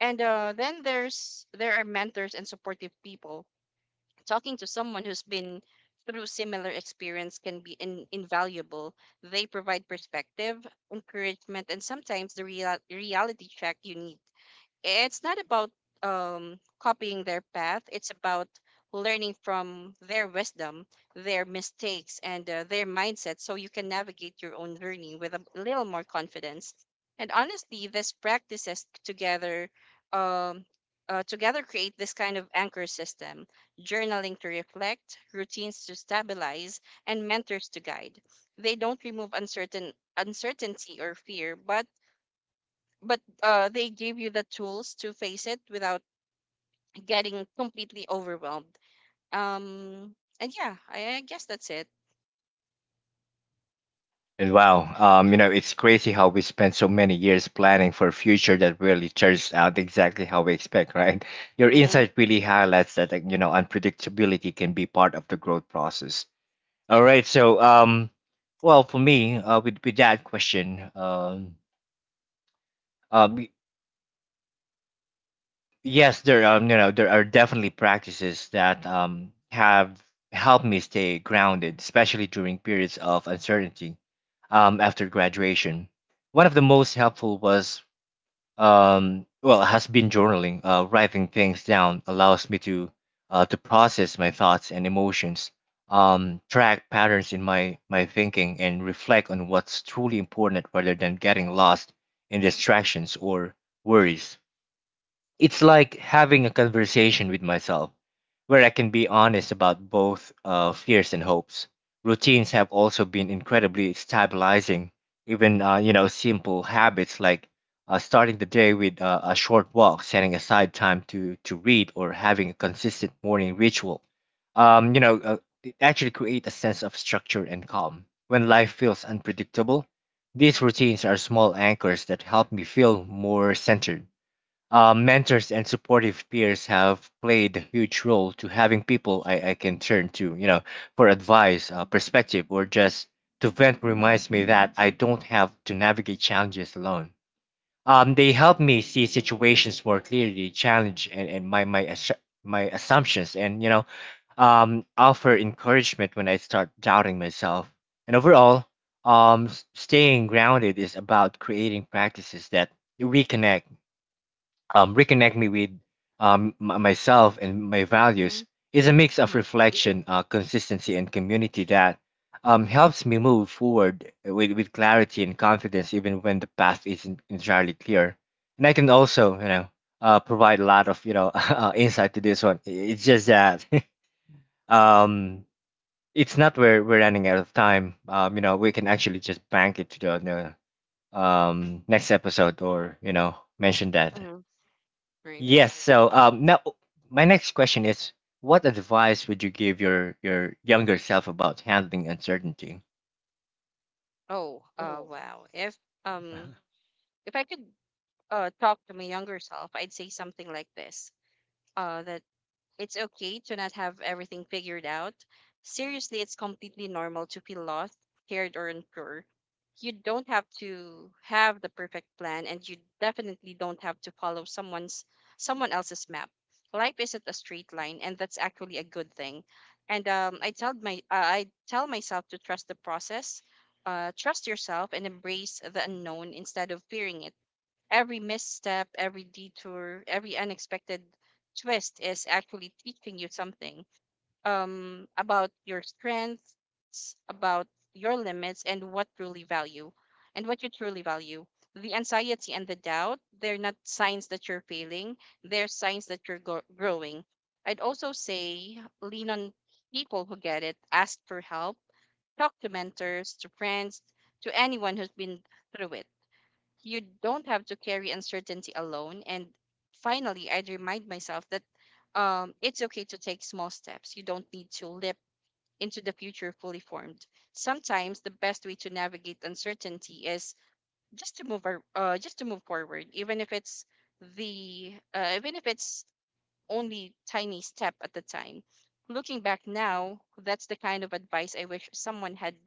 B: And uh, then there's there are mentors and supportive people. Talking to someone who's been through similar experience can be in, invaluable. They provide perspective, encouragement, and sometimes the real, reality check you need. It's not about um, copying their path. It's about learning from their wisdom, their mistakes, and uh, their mindset, so you can navigate your own journey with a little more confidence. And honestly, these practices together um, uh, together create this kind of anchor system: journaling to reflect, routines to stabilize, and mentors to guide. They don't remove uncertain uncertainty or fear, but but uh, they gave you the tools to face it without getting completely overwhelmed. Um, and yeah, I, I guess that's it.
A: And wow, um, you know, it's crazy how we spend so many years planning for a future that really turns out exactly how we expect, right? Your
B: Mm-hmm.
A: insight really highlights that, like, you know, unpredictability can be part of the growth process. All
B: Yep.
A: right, so um, well, for me, uh, with with that question, um, um, yes, there um you know, there are definitely practices that um have helped me stay grounded, especially during periods of uncertainty um after graduation. One of the most helpful was um well, has been journaling. Uh, writing things down allows me to uh, to process my thoughts and emotions, um track patterns in my my thinking and reflect on what's truly important rather than getting lost in distractions or worries. It's like having a conversation with myself where I can be honest about both uh, fears and hopes. Routines have also been incredibly stabilizing. Even, uh, you know, simple habits like uh, starting the day with uh, a short walk, setting aside time to to read, or having a consistent morning ritual. Um, you know, uh, it actually create a sense of structure and calm. When life feels unpredictable, these routines are small anchors that help me feel more centered. Uh, mentors and supportive peers have played a huge role to having people I, I can turn to, you know, for advice, uh, perspective, or just to vent reminds me that I don't have to navigate challenges alone. Um, they help me see situations more clearly, challenge and, and my my assu- my assumptions, and, you know, um, offer encouragement when I start doubting myself. And overall, um, s- staying grounded is about creating practices that reconnect um, reconnect me with um, m- myself and my
B: Mm-hmm.
A: values, is a mix of
B: Mm-hmm.
A: reflection, uh, consistency, and community that um, helps me move forward with, with clarity and confidence, even when the path isn't entirely clear. And I can also, you know, uh, provide a lot of, you know, uh, insight to this one. I- It's just that um, it's not where we're running out of time. Um, you know, we can actually just bank it to the, the um, next episode or, you know, mention that.
B: Mm-hmm. Right.
A: Yes. So um, now my next question is, what advice would you give your your younger self about handling uncertainty?
B: Oh, uh, wow. If um, if I could uh talk to my younger self, I'd say something like this. Uh, that It's okay to not have everything figured out. Seriously, it's completely normal to feel lost, scared, or unsure. You don't have to have the perfect plan, and you definitely don't have to follow someone's someone else's map. Life isn't a straight line, and that's actually a good thing. And um, I tell my uh, I tell myself to trust the process, uh, trust yourself, and embrace the unknown instead of fearing it. Every misstep, every detour, every unexpected twist is actually teaching you something, um, about your strengths, about your limits, and what truly value, and what you truly value. The anxiety and the doubt, they're not signs that you're failing, they're signs that you're gro- growing. I'd also say lean on people who get it. Ask for help, talk to mentors, to friends, to anyone who's been through it. You don't have to carry uncertainty alone. And finally, I'd remind myself that um, it's okay to take small steps. You don't need to leap into the future fully formed. Sometimes the best way to navigate uncertainty is just to move, ar- uh, just to move forward, even if it's the, uh, even if it's only tiny step at the time. Looking back now, that's the kind of advice I wish someone had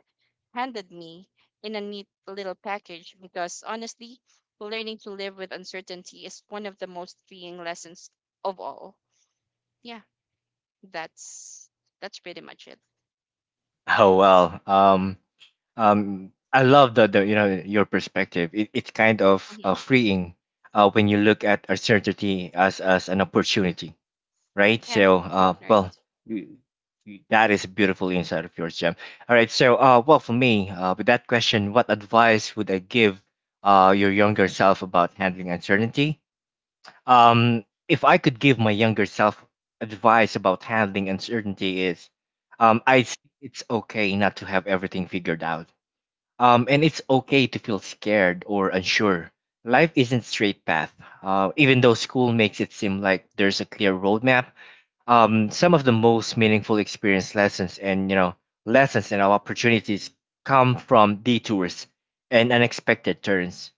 B: handed me in a neat little package, because honestly, learning to live with uncertainty is one of the most freeing lessons of all. Yeah, that's that's pretty much it.
A: Oh well, um, um, I love the, the you know, your perspective. It, it's kind of uh,
B: Mm-hmm.
A: freeing uh, when you look at uncertainty as as an opportunity, right?
B: Yeah,
A: So, uh, well,
B: right.
A: you, you- that is a beautiful insight of yours, Jem. All right, so, uh, well, for me, uh, with that question, what advice would I give uh, your younger self about handling uncertainty? Um, if I could give my younger self advice about handling uncertainty, is um, I it's okay not to have everything figured out. Um, and it's okay to feel scared or unsure. Life isn't straight path. Uh, even though school makes it seem like there's a clear roadmap, um, some of the most meaningful experience lessons and, you know, lessons and opportunities come from detours and unexpected turns.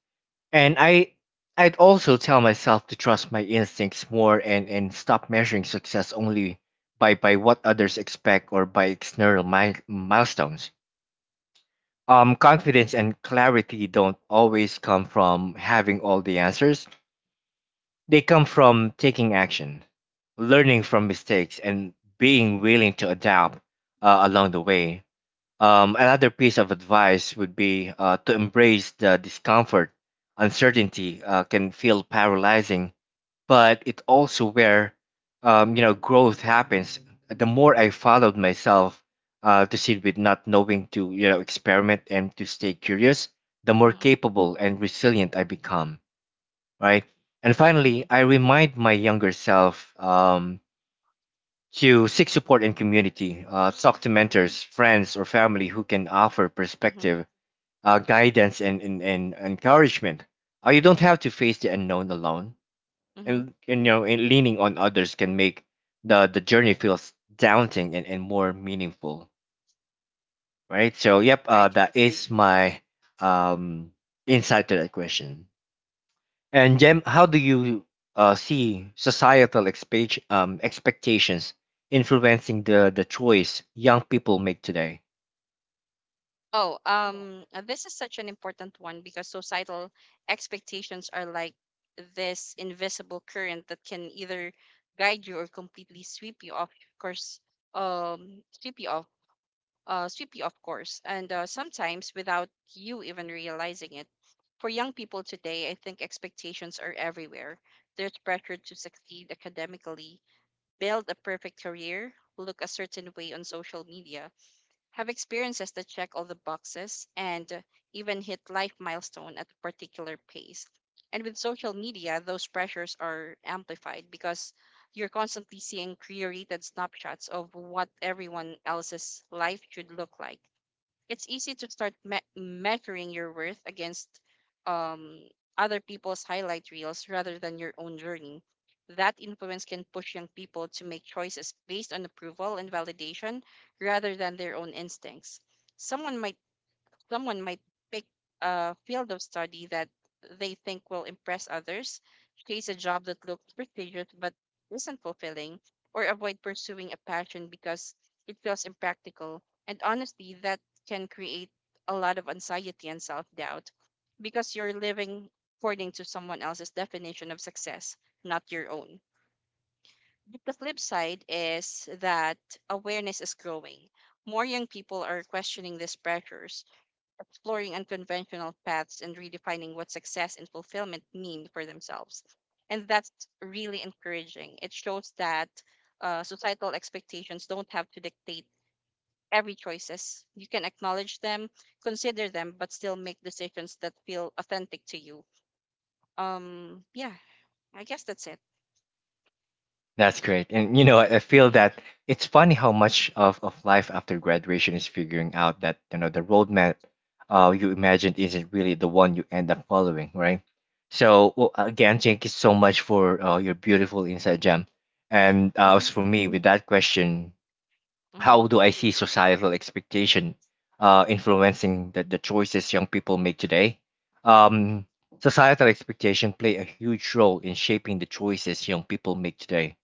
A: And I I'd also tell myself to trust my instincts more and and stop measuring success only by by what others expect or by external mi- milestones. Um, confidence and clarity don't always come from having all the answers. They come from taking action, learning from mistakes, and being willing to adapt uh, along the way. Um, another piece of advice would be, uh, to embrace the discomfort. Uncertainty uh, can feel paralyzing, but it also where, um, you know, growth happens. The more I followed myself uh, to sit with not knowing, to, you know, experiment and to stay curious, the more
B: Mm-hmm.
A: capable and resilient I become, right? And finally,
B: Mm-hmm.
A: I remind my younger self, um, to seek support in community, uh, talk to mentors, friends, or family who can offer
B: Mm-hmm.
A: perspective, uh, guidance, and, and, and encouragement. Uh, you don't have to face the unknown alone,
B: Hmm.
A: and, and you know, and leaning on others can make the, the journey feels daunting and, and more meaningful, right? So, yep, uh,
B: Right, right.
A: that is my um, insight to that question. And Jem, how do you uh, see societal expect- um, expectations influencing the the choice young people make today?
B: Oh, um, uh, this is such an important one, because societal expectations are like this invisible current that can either guide you or completely sweep you off course, um, sweep you off uh, swiftly, of course, and uh, sometimes without you even realizing it. For young people today, I think expectations are everywhere. There's pressure to succeed academically, build a perfect career, look a certain way on social media, have experiences that check all the boxes, and even hit life milestone at a particular pace. And with social media, those pressures are amplified, because you're constantly seeing curated snapshots of what everyone else's life should look like. It's easy to start me- measuring your worth against um, other people's highlight reels rather than your own journey. That influence can push young people to make choices based on approval and validation rather than their own instincts. Someone might someone might pick a field of study that they think will impress others, chase a job that looks prestigious but isn't fulfilling, or avoid pursuing a passion because it feels impractical. And honestly, that can create a lot of anxiety and self doubt, because you're living according to someone else's definition of success, not your own. But the flip side is that awareness is growing. More young people are questioning these pressures, exploring unconventional paths, and redefining what success and fulfillment mean for themselves. And that's really encouraging. It shows that uh, societal expectations don't have to dictate every choices. You can acknowledge them, consider them, but still make decisions that feel authentic to you. Um, yeah, I guess that's it.
A: That's great. And you know, I I feel
B: Mm-hmm,
A: that it's funny how much of, of life after graduation is figuring out that you know the roadmap uh, you imagined isn't really the one you end up following, right? So well, again, thank you so much for uh, your beautiful insight, Jam. And uh,
B: mm-hmm,
A: as for me, with that question,
B: mm-hmm,
A: how do I see societal expectation uh, influencing the, the choices young people make today? Um, Societal expectation play a huge role in shaping the choices young people make today.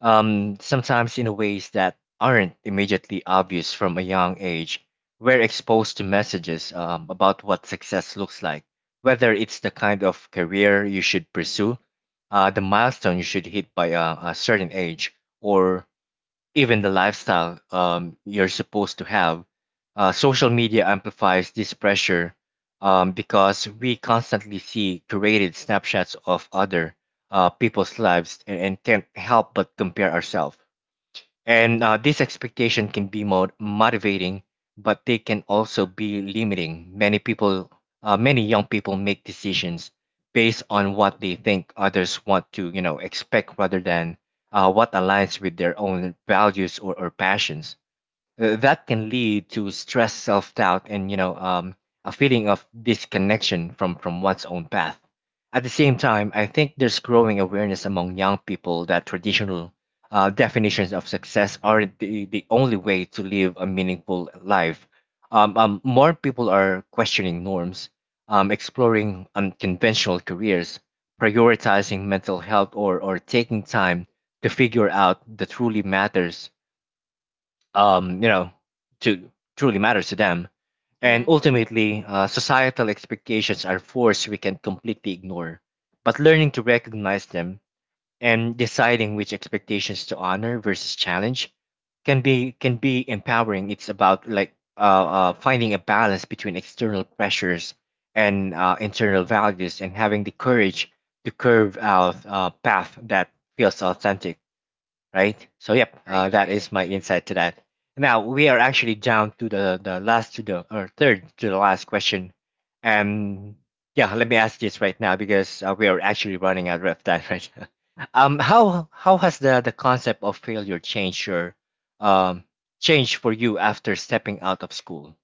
A: Um, sometimes in ways that aren't immediately obvious from a young age. We're exposed to messages um, about what success looks like, whether it's the kind of career you should pursue, uh, the milestone you should hit by a, a certain age, or even the lifestyle um, you're supposed to have. Uh, social media amplifies this pressure um, because we constantly see curated snapshots of other uh, people's lives and, and can't help but compare ourselves. And uh, this expectation can be more motivating, but they can also be limiting. Many people, uh, many young people make decisions based on what they think others want to, you know, expect rather than uh, what aligns with their own values or, or passions. Uh, that can lead to stress, self doubt, and you know um, a feeling of disconnection from from one's own path. At the same time, I think there's growing awareness among young people that traditional uh, definitions of success aren't the, the only way to live a meaningful life. Um, um, more people are questioning norms, um, exploring unconventional careers, prioritizing mental health, or, or taking time to figure out the truly matters um, you know, to truly matters to them. And
B: mm-hmm.
A: ultimately, uh, societal expectations are force we can completely ignore. But learning to recognize them and deciding which expectations to honor versus challenge can be can be empowering. It's about like uh, uh, finding a balance between external pressures and uh, internal values, and having the courage to curve out a path that feels authentic, right? So yep,
B: Right,
A: uh, that
B: right.
A: is my insight to that. Now we are actually down to the the last to the or third to the last question, and yeah, let me ask this right now because uh, we are actually running out of time right now. Um, how how has the the concept of failure changed your um changed for you after stepping out of school?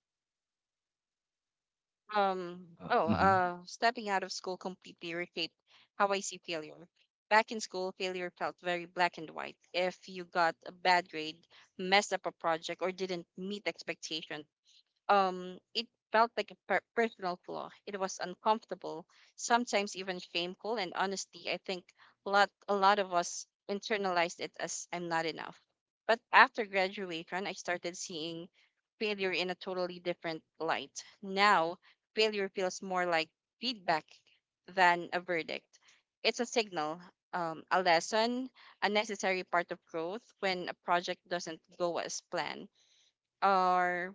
B: Um,
A: Uh,
B: oh,
A: mhm.
B: uh, Stepping out of school completely reshaped how I see failure. Back in school, failure felt very black and white. If you got a bad grade, messed up a project, or didn't meet expectations, um, it felt like a per- personal flaw. It was uncomfortable, sometimes even shameful. And honestly, I think a lot, a lot of us internalized it as I'm not enough. But after graduation, I started seeing failure in a totally different light. Now, failure feels more like feedback than a verdict. It's a signal, um, a lesson, a necessary part of growth. When a project doesn't go as planned, or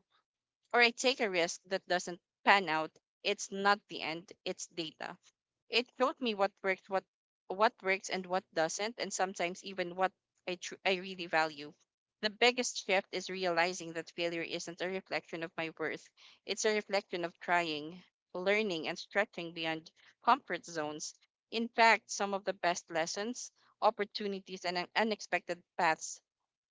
B: or I take a risk that doesn't pan out, it's not the end, it's data. It showed me what works, what what works and what doesn't, and sometimes even what I tr- I really value. The biggest shift is realizing that failure isn't a reflection of my worth. It's a reflection of trying, learning, and stretching beyond comfort zones. In fact, some of the best lessons, opportunities, and un- unexpected paths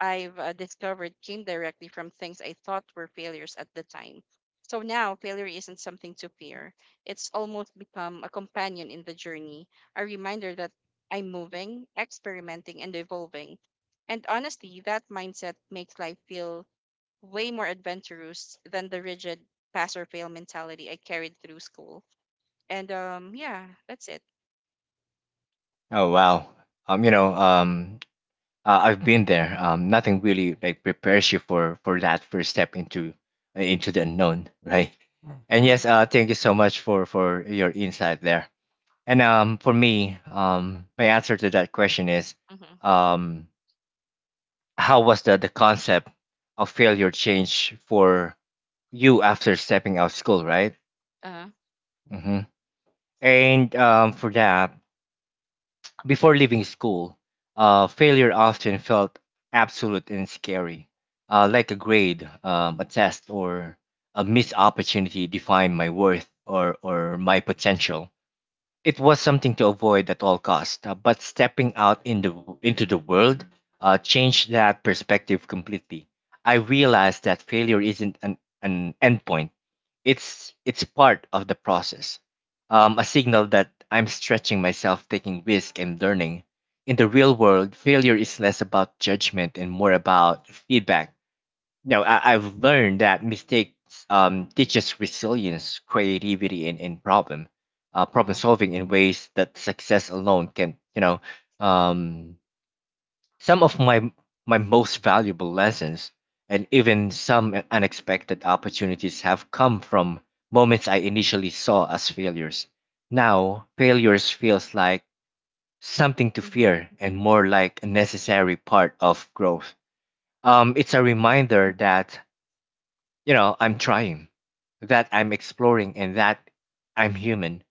B: I've uh, discovered came directly from things I thought were failures at the time. So now failure isn't something to fear. It's almost become a companion in the journey, a reminder that I'm moving, experimenting, and evolving. And honestly, that mindset makes life feel way more adventurous than the rigid pass or fail mentality I carried through school. And um, yeah, that's it.
A: Oh wow, um, you know,
B: Mm-hmm,
A: um, uh, I've been there. Um, nothing really like prepares you for for that first step into into the unknown, right? And
B: mm-hmm,
A: yes, uh, thank you so much for for your insight there. And um, for me, um, my answer to that question is,
B: mm-hmm,
A: um, how was the the concept of failure change for you after stepping out school, right?
B: uh-huh,
A: Hmm. And um, for that, before leaving school, uh, failure often felt absolute and scary, uh, like a grade, um, a test, or a missed opportunity defined my worth or or my potential. It was something to avoid at all cost, uh, but stepping out in the, into the world uh, changed that perspective completely. I realized that failure isn't an, an endpoint; it's it's part of the process, um, a signal that I'm stretching myself, taking risk, and learning. In the real world, failure is less about judgment and more about feedback. No, I, I've learned that mistakes um, teaches resilience, creativity, and, and problem uh, problem
B: uh-huh,
A: solving in ways that success alone can. You know, um, some of my my most valuable lessons and even some unexpected opportunities have come from moments I initially saw as failures. Now, failures feels like something to
B: mm-hmm,
A: fear and more like a necessary part of growth. Um, it's a
B: mm-hmm,
A: reminder that you know I'm trying, that I'm exploring, and that I'm human.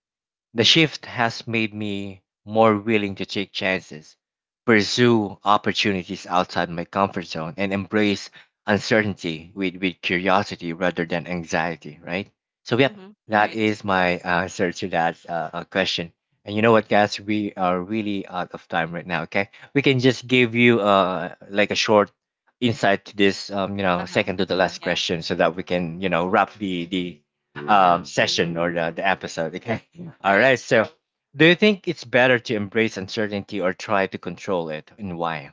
A: The shift has made me more willing to take chances, pursue opportunities outside my comfort zone, and embrace uncertainty with, with curiosity rather than anxiety, right? So, yep,
B: mm-hmm,
A: that
B: right.
A: is my answer to that uh, uh, question. And you know what, guys? We are really out of time right now, okay? We can just give you uh, like a short insight to this, um, you know,
B: Uh-huh,
A: second to the last
B: yeah.
A: question so that we can, you know, wrap the, the um,
B: Mm-hmm.
A: session or the, the episode, okay? All
B: Right.
A: right. So, do you think it's better to embrace uncertainty or try to control it, and why?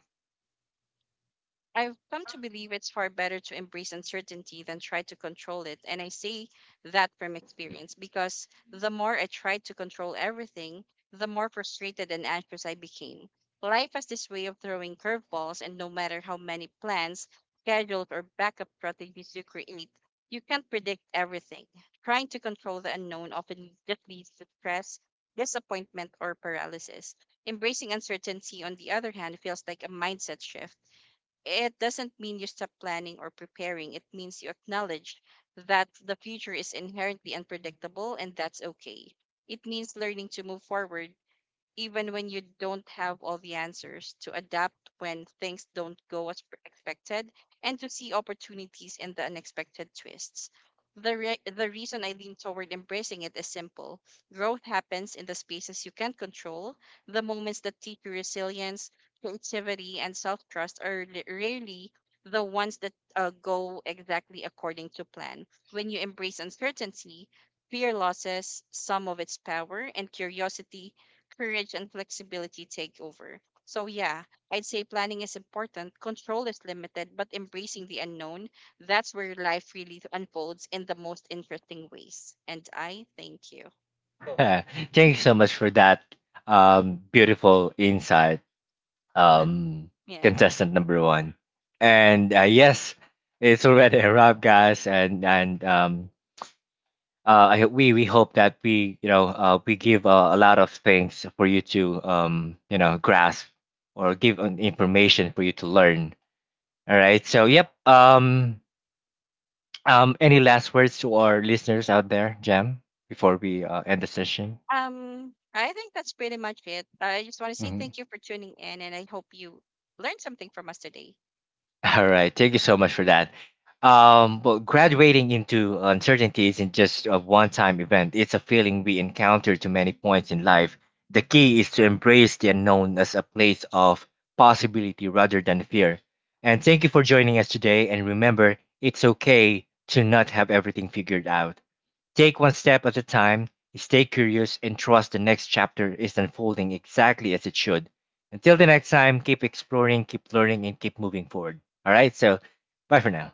B: I've come to believe it's far better to embrace uncertainty than try to control it. And I say that from experience, because the more I tried to control everything, the more frustrated and anxious I became. Life has this way of throwing curveballs, and no matter how many plans, schedules, or backup strategies you create, you can't predict everything. Trying to control the unknown often just leads to stress, disappointment, or paralysis. Embracing uncertainty, on the other hand, feels like a mindset shift. It doesn't mean you stop planning or preparing. It means you acknowledge that the future is inherently unpredictable, and that's okay. It means learning to move forward even when you don't have all the answers, to adapt when things don't go as expected, and to see opportunities in the unexpected twists. The, re- the reason I lean toward embracing it is simple. Growth happens in the spaces you can't control. The moments that teach you resilience, creativity, and self trust are li- rarely the ones that uh, go exactly according to plan. When you embrace uncertainty, fear losses some of its power, and curiosity, courage, and flexibility take over. So, yeah, I'd say planning is important, control is limited, but embracing the unknown, that's where life really unfolds in the most interesting ways. And I thank you.
A: Thank you so much for that um, beautiful insight, um,
B: Yeah.
A: contestant number one. And uh, yes, it's already a wrap, guys. And and um, uh, I, we we hope that we you know uh, we give uh, a lot of things for you to um, you know grasp or give uh, information for you to learn. All right. So yep. Um, Um, any last words to our listeners out there, Jam, before we uh, end the session?
B: Um, I think that's pretty much it. I just want to say
A: Mhm.
B: thank you for tuning in, and I hope you learned something from us today.
A: All right, thank you so much for that. Um, well, graduating into uncertainty isn't just a one-time event. It's a feeling we encounter to many points in life. The key is to embrace the unknown as a place of possibility rather than fear. And thank you for joining us today. And remember, it's okay to not have everything figured out. Take one step at a time, stay curious, and trust the next chapter is unfolding exactly as it should. Until the next time, keep exploring, keep learning, and keep moving forward. All right, so bye for now.